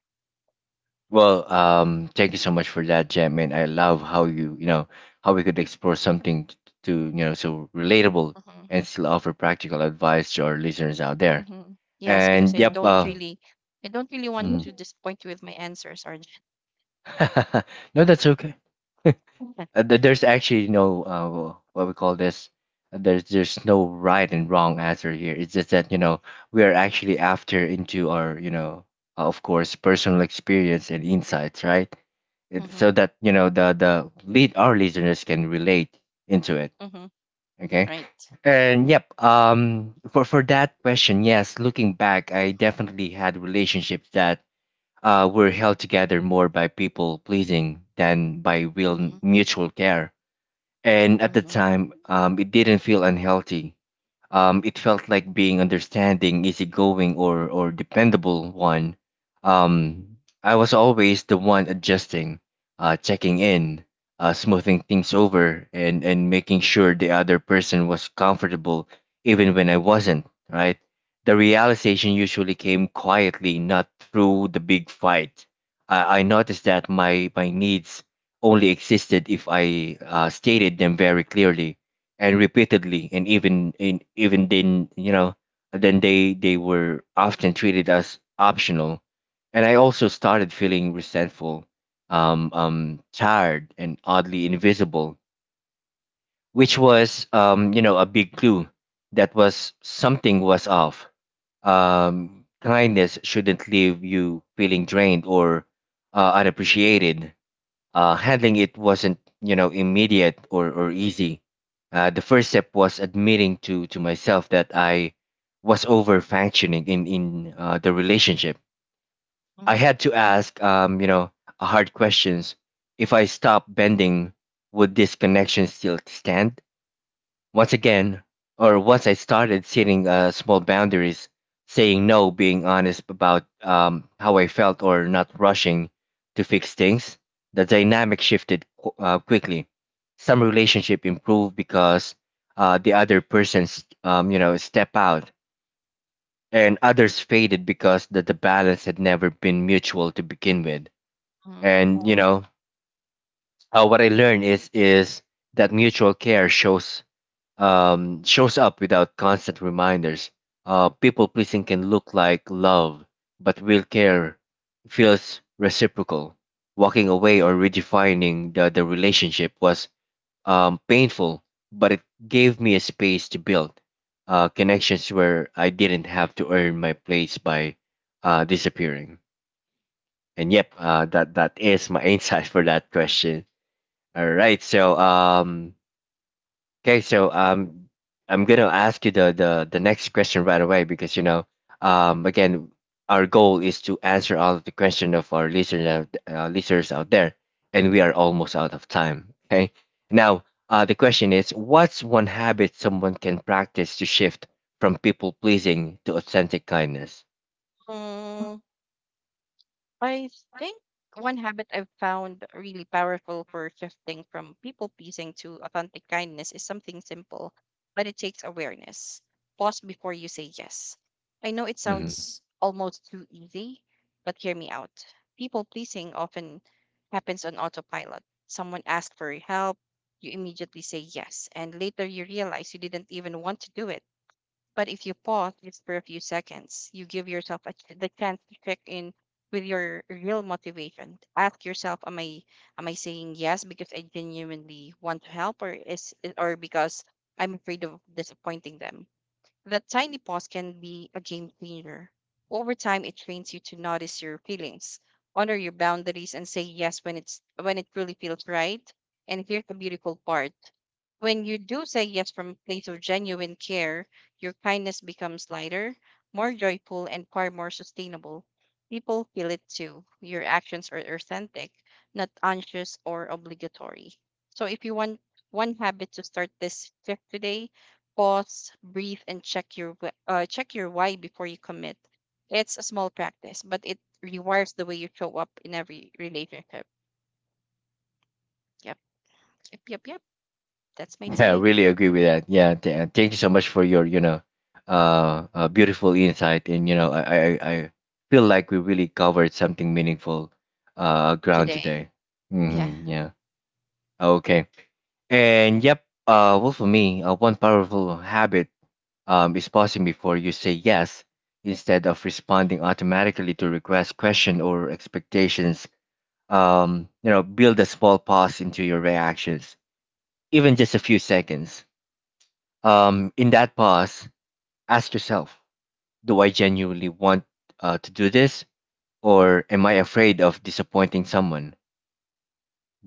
Speaker 1: Well, thank you so much for that, Jem, and I love how how we could explore something to, you know, so relatable,
Speaker 2: Hmm.
Speaker 1: and still offer practical advice to our listeners out there.
Speaker 2: Hmm. Yes, because
Speaker 1: And yep,
Speaker 2: I don't really want
Speaker 1: mhm.
Speaker 2: to disappoint you with my answers, Arjun.
Speaker 1: No, that's okay. There's actually no, what we call this, there's no right and wrong answer here. It's just that, you know, we are actually after into our, you know, of course, personal experience and insights, right?
Speaker 2: Mm-hmm.
Speaker 1: So that, you know, the lead our listeners can relate into it.
Speaker 2: Mm-hmm.
Speaker 1: Okay.
Speaker 2: Right.
Speaker 1: And yep, for that question, yes, looking back, I definitely had relationships that were held together more by people pleasing than by real
Speaker 2: Mm-hmm.
Speaker 1: mutual care. And at the
Speaker 2: Mm-hmm.
Speaker 1: time, it didn't feel unhealthy. It felt like being understanding, easygoing, or dependable one. Um, I was always the one adjusting, checking in, smoothing things over, and making sure the other person was comfortable, even when I wasn't. Right. The realization usually came quietly, not through the big fight. I noticed that my needs only existed if I stated them very clearly and repeatedly, and even then, then they were often treated as optional. And I also started feeling resentful, tired and oddly invisible, which was a big clue that was something was off. Kindness shouldn't leave you feeling drained or unappreciated. Handling it wasn't, immediate or easy. The first step was admitting to myself that I was over functioning in the relationship. I
Speaker 2: Mm-hmm.
Speaker 1: had to ask, hard questions. If I stopped bending, would this connection still stand? Once again, or once I started setting small boundaries, saying no, being honest about how I felt, or not rushing to fix things, the dynamic shifted quickly. Some relationship improved because the other person's step out, and others faded because the balance had never been mutual to begin with.
Speaker 2: Mm-hmm.
Speaker 1: And you Mm. know what I learned is that mutual care shows shows up without constant reminders. People pleasing can look like love, but real care feels reciprocal. Walking away or redefining the relationship was painful, but it gave me a space to build connections where I didn't have to earn my place by disappearing. And yep, that is my insight for that question. All right, so okay, so I'm gonna ask you the next question right away because again, our goal is to answer all of the question of our listeners, listeners out there, and we are almost out of time. Okay, now the question is, what's one habit someone can practice to shift from people pleasing to authentic kindness?
Speaker 2: Um, I think one habit I've found really powerful for shifting from people pleasing to authentic kindness is something simple, but it takes awareness. Pause before you say yes. I know it
Speaker 1: Mm-hmm.
Speaker 2: sounds almost too easy, but hear me out. People pleasing often happens on autopilot. Someone asks for your help, you immediately say yes, and later you realize you didn't even want to do it. But if you pause just for a few seconds, you give yourself the chance to check in with your real motivation. Ask yourself, am I saying yes because I genuinely want to help, or because I'm afraid of disappointing them? That tiny pause can be a game changer. Over time, it trains you to notice your feelings, honor your boundaries, and say yes when it truly feels right. And here's the beautiful part: when you do say yes from a place of genuine care, your kindness becomes lighter, more joyful, and far more sustainable. People feel it too. Your actions are authentic, not anxious or obligatory. So, if you want one habit to start this shift today, pause, breathe, and check your check your why before you commit. It's a small practice, but it rewires the way you show up in every relationship. Yep, yep. That's my
Speaker 1: Yeah, I
Speaker 2: take
Speaker 1: really agree with that. Yeah, thank you so much for your, beautiful insight. And you know, I feel like we really covered something meaningful, ground
Speaker 2: today.
Speaker 1: today.
Speaker 2: Yeah,
Speaker 1: Mm-hmm, yeah. Okay. And yep. Well, for me, one powerful habit, is pausing before you say yes, instead of responding automatically to requests, question, or expectations. You know, build a small pause into your reactions, even just a few seconds in that pause, ask yourself, do I genuinely want to do this, or am I afraid of disappointing someone?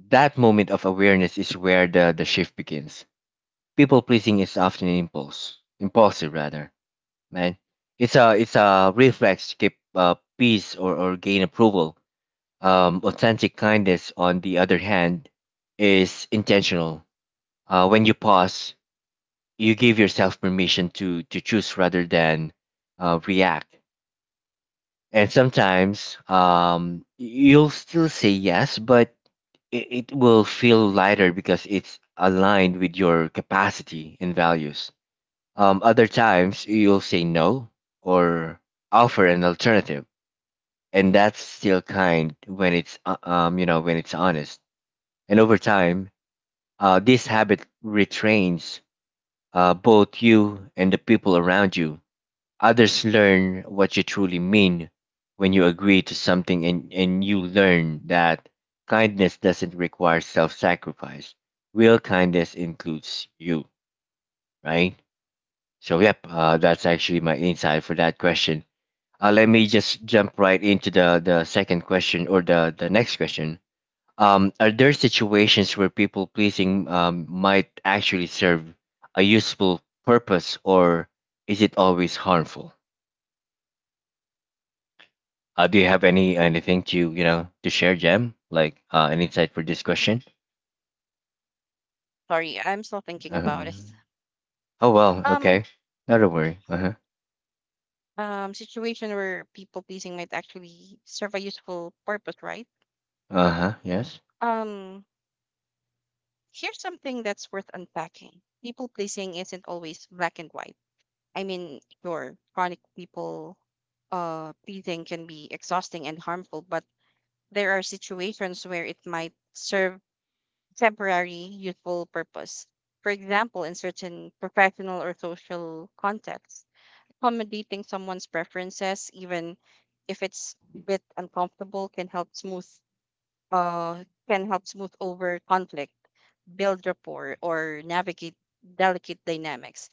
Speaker 1: That moment of awareness is where the shift begins. People pleasing is often an impulse, impulsive rather, man. It's a reflex to keep peace or gain approval. Authentic kindness, on the other hand, is intentional. When you pause, you give yourself permission to choose rather than react. And sometimes, you'll still say yes, but it, it will feel lighter because it's aligned with your capacity and values. Other times you'll say no, or offer an alternative, and that's still kind when it's when it's honest. And over time, this habit retrains both you and the people around you. Others learn what you truly mean when you agree to something, and you learn that kindness doesn't require self sacrifice. Real kindness includes you, right? So, yep, that's actually my insight for that question. Let me just jump right into the second question or the next question. Are there situations where people pleasing might actually serve a useful purpose, or is it always harmful? Do you have anything to to share, Jem? Like an insight for this question?
Speaker 2: sorry, I'm still thinking about it.
Speaker 1: Um, oh well,
Speaker 2: Um,
Speaker 1: okay, not a worry. Uh huh.
Speaker 2: situation where people pleasing might actually serve a useful purpose, right?
Speaker 1: Uh huh. Yes.
Speaker 2: Um, Here's something that's worth unpacking. People pleasing isn't always black and white. I mean, sure, chronic people pleading can be exhausting and harmful, but there are situations where it might serve temporary useful purpose. For example, in certain professional or social contexts, accommodating someone's preferences, even if it's a bit uncomfortable, can help smooth over conflict, build rapport, or navigate delicate dynamics.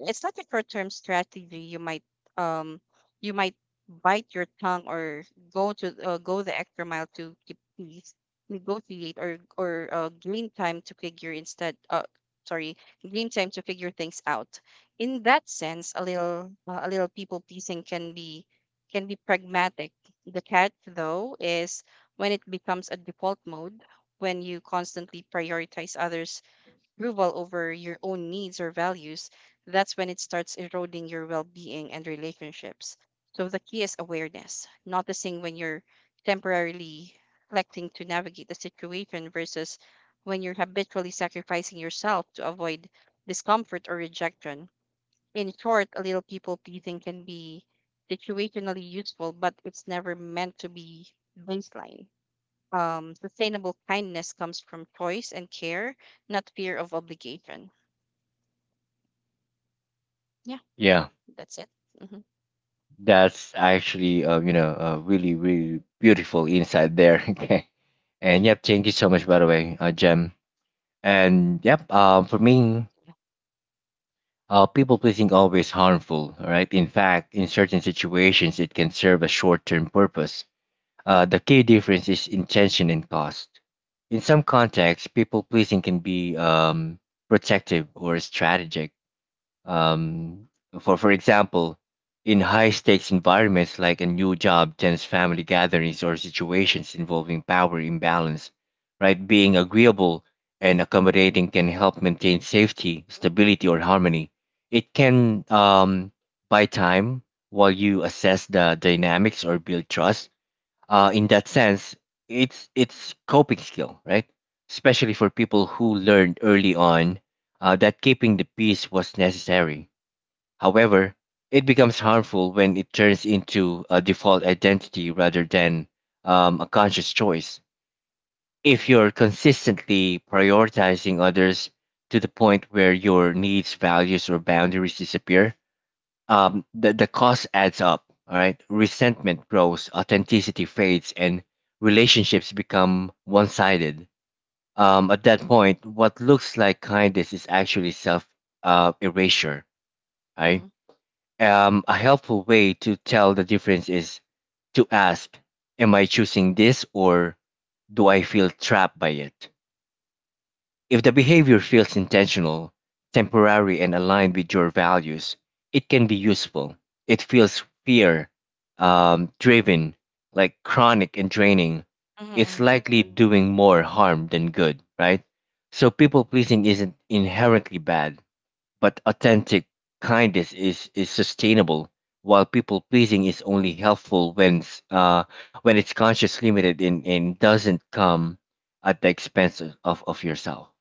Speaker 2: It's not a short term strategy. Um you might bite your tongue or go the extra mile to keep peace, negotiate or gain time to figure instead. Sorry, gain time to figure things out. In that sense, a little people pleasing can be pragmatic. The catch though is when it becomes a default mode when you constantly prioritize others approval over your own needs or values, that's when it starts eroding your well being and relationships. So the key is awareness, noticing when you're temporarily electing to navigate the situation versus when you're habitually sacrificing yourself to avoid discomfort or rejection. In short, a little people pleasing can be situationally useful, but it's never meant to be baseline. Sustainable kindness comes from choice and care, not fear of obligation. Yeah,
Speaker 1: Yeah,
Speaker 2: that's it. Mm-hmm.
Speaker 1: that's actually a really beautiful insight there. Okay. And yep, thank you so much by the way, Jem. And yep, for me,
Speaker 2: Yeah.
Speaker 1: people pleasing always harmful. All right. In fact, in certain situations, it can serve a short term purpose. The key difference is intention and cost. In some contexts, people pleasing can be protective or strategic. Um, for example, in high stakes environments like a new job, tense family gatherings, or situations involving power imbalance, right? Being agreeable and accommodating can help maintain safety, stability, or harmony. It can buy time while you assess the dynamics or build trust. In that sense, it's coping skill, right? Especially for people who learned early on that keeping the peace was necessary. However, it becomes harmful when it turns into a default identity rather than a conscious choice. If you're consistently prioritizing others to the point where your needs, values, or boundaries disappear, the cost adds up. All right. Resentment grows, authenticity fades, and relationships become one sided. At that point, what looks like kindness is actually self erasure, right?
Speaker 2: Mm-hmm.
Speaker 1: A helpful way to tell the difference is to ask, am I choosing this, or do I feel trapped by it? If the behavior feels intentional, temporary, and aligned with your values, it can be useful. It feels fear driven, like chronic and draining. It's
Speaker 2: Mm-hmm.
Speaker 1: likely doing more harm than good, right? So people pleasing isn't inherently bad, but authentic kindness is sustainable, while people pleasing is only helpful when, when it's conscious limited and doesn't come at the expense of yourself.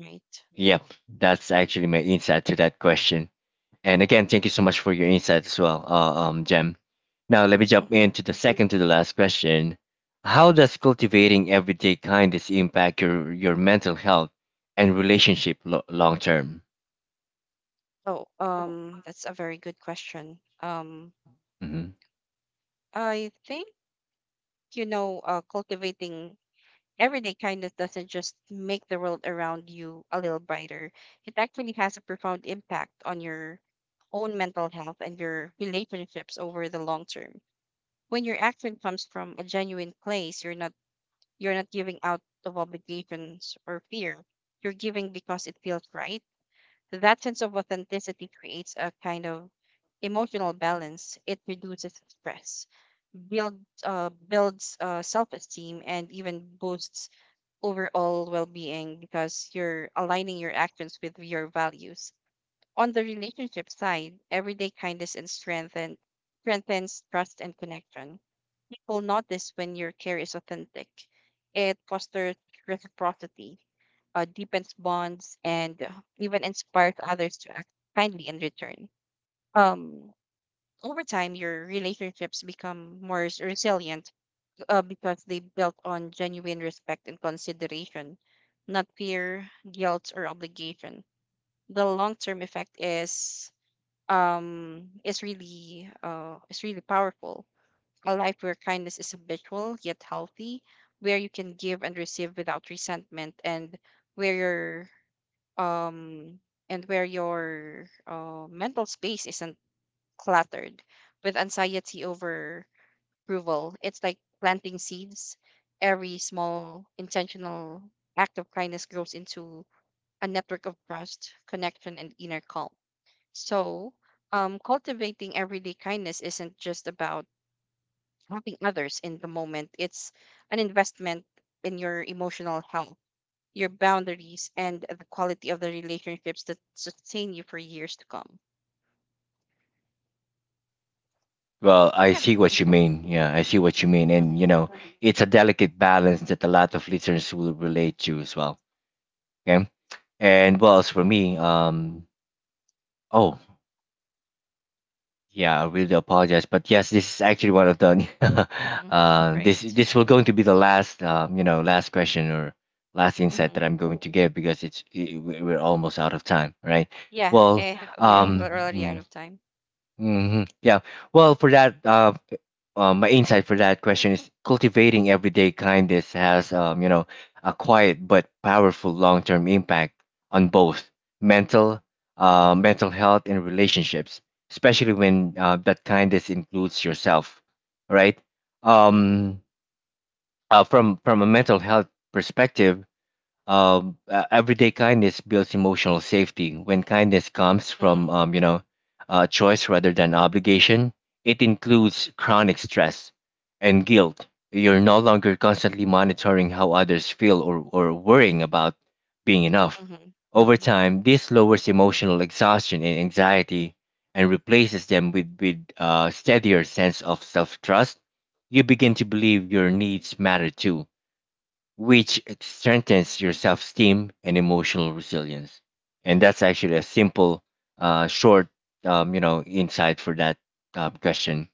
Speaker 2: Right.
Speaker 1: Yep, that's actually my insight to that question. And again, thank you so much for your insight as well, Jem. Now, let me jump
Speaker 2: Mm-hmm.
Speaker 1: into the second to the last question. How does cultivating everyday kindness impact your mental health and relationship long term?
Speaker 2: Oh, that's a very good question.
Speaker 1: Hmm.
Speaker 2: I think, you know, cultivating everyday kindness doesn't just make the world around you a little brighter. It actually has a profound impact on your own mental health and your relationships over the long term. When your action comes from a genuine place, you're not giving out of obligations or fear. You're giving because it feels right. That sense of authenticity creates a kind of emotional balance. It reduces stress, builds self esteem, and even boosts overall well being because you're aligning your actions with your values. On the relationship side, everyday kindness and strengthen strengthens trust and connection. People notice when your care is authentic. It fosters reciprocity, deepens bonds, and even inspires others to act kindly in return. Um, Over time, your relationships become more resilient because they built on genuine respect and consideration, not fear, guilt, or obligation. The long term effect is is really powerful. A life where kindness is habitual yet healthy, where you can give and receive without resentment, where your um and where your mental space isn't cluttered with anxiety over approval. It's like planting seeds. Every small intentional act of kindness grows into a network of trust, connection, and inner calm. So, cultivating everyday kindness isn't just about helping others in the moment, it's an investment in your emotional health, your boundaries, and the quality of the relationships that sustain you for years to come.
Speaker 1: Well, I
Speaker 2: Yeah.
Speaker 1: see what you
Speaker 2: Mm-hmm.
Speaker 1: mean. Yeah, I see what you mean. And, you
Speaker 2: Mm-hmm.
Speaker 1: know, it's a delicate balance that a lot of listeners will relate to as well. Okay. And well, as for me, oh, yeah, I really apologize, but yes, this is actually one of the
Speaker 2: Mm-hmm.
Speaker 1: this
Speaker 2: Great.
Speaker 1: this will going to be the last last question or last insight
Speaker 2: Mm-hmm.
Speaker 1: that I'm going to give because we're almost out of time, right?
Speaker 2: Yeah.
Speaker 1: Well,
Speaker 2: Eh, we're
Speaker 1: um,
Speaker 2: already out
Speaker 1: mm,
Speaker 2: of time.
Speaker 1: mhm, yeah. Well, for that my insight for that question is cultivating everyday kindness has, a quiet but powerful long-term impact on both mental, mental health and relationships, especially when that kindness includes yourself, right?
Speaker 2: Mm-hmm.
Speaker 1: Um, from a mental health perspective, everyday kindness builds emotional safety. When kindness comes
Speaker 2: Mm-hmm.
Speaker 1: from, choice rather than obligation, it includes chronic stress and guilt. You're no longer constantly monitoring how others feel or worrying about being enough.
Speaker 2: Mm-hmm.
Speaker 1: Over time, this lowers emotional exhaustion and anxiety, and replaces them with a steadier sense of self trust. You begin to believe your needs matter too, which strengthens your self esteem and emotional resilience. And that's actually a simple, short, insight for that question.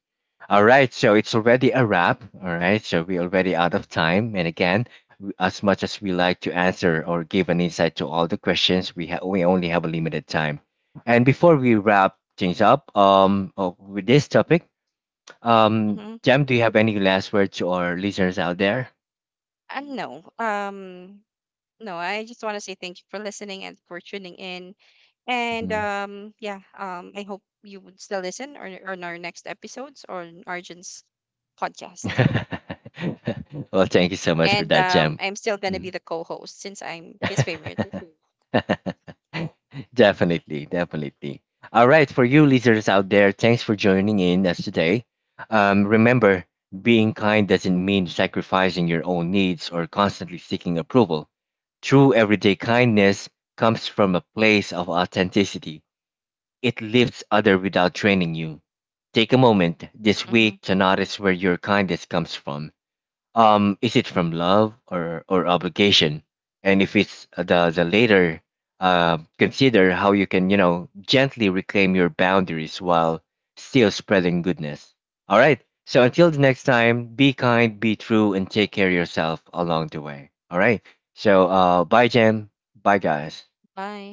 Speaker 1: All right, so it's already a wrap. All right, so we're already out of time. And again, as much as we like to answer or give an insight to all the questions, we only have a limited time. And before we wrap things up, with this topic,
Speaker 2: Mm-hmm.
Speaker 1: Jam, do you have any last words to our listeners out there?
Speaker 2: And no. No, I just want to say thank you for listening and for tuning in. And
Speaker 1: Mm-hmm.
Speaker 2: yeah, I hope you would still listen on our next episodes or Arjun's podcast.
Speaker 1: Well, thank you so much for
Speaker 2: And
Speaker 1: that, Jem.
Speaker 2: I'm still gonna be
Speaker 1: Mm.
Speaker 2: the co-host since I'm his favorite.
Speaker 1: Definitely, definitely. All right, for you listeners out there, thanks for joining in us today. Remember, being kind doesn't mean sacrificing your own needs or constantly seeking approval. True everyday kindness comes from a place of authenticity. It lifts others without draining you. Take a moment this
Speaker 2: Hmm.
Speaker 1: week to notice where your kindness comes from, is it from love or obligation? And if it's the latter, consider how you can, you know, gently reclaim your boundaries while still spreading goodness. All right. So until the next time, be kind, be true, and take care of yourself along the way. All right. So bye, Jem. Bye, guys.
Speaker 2: Bye.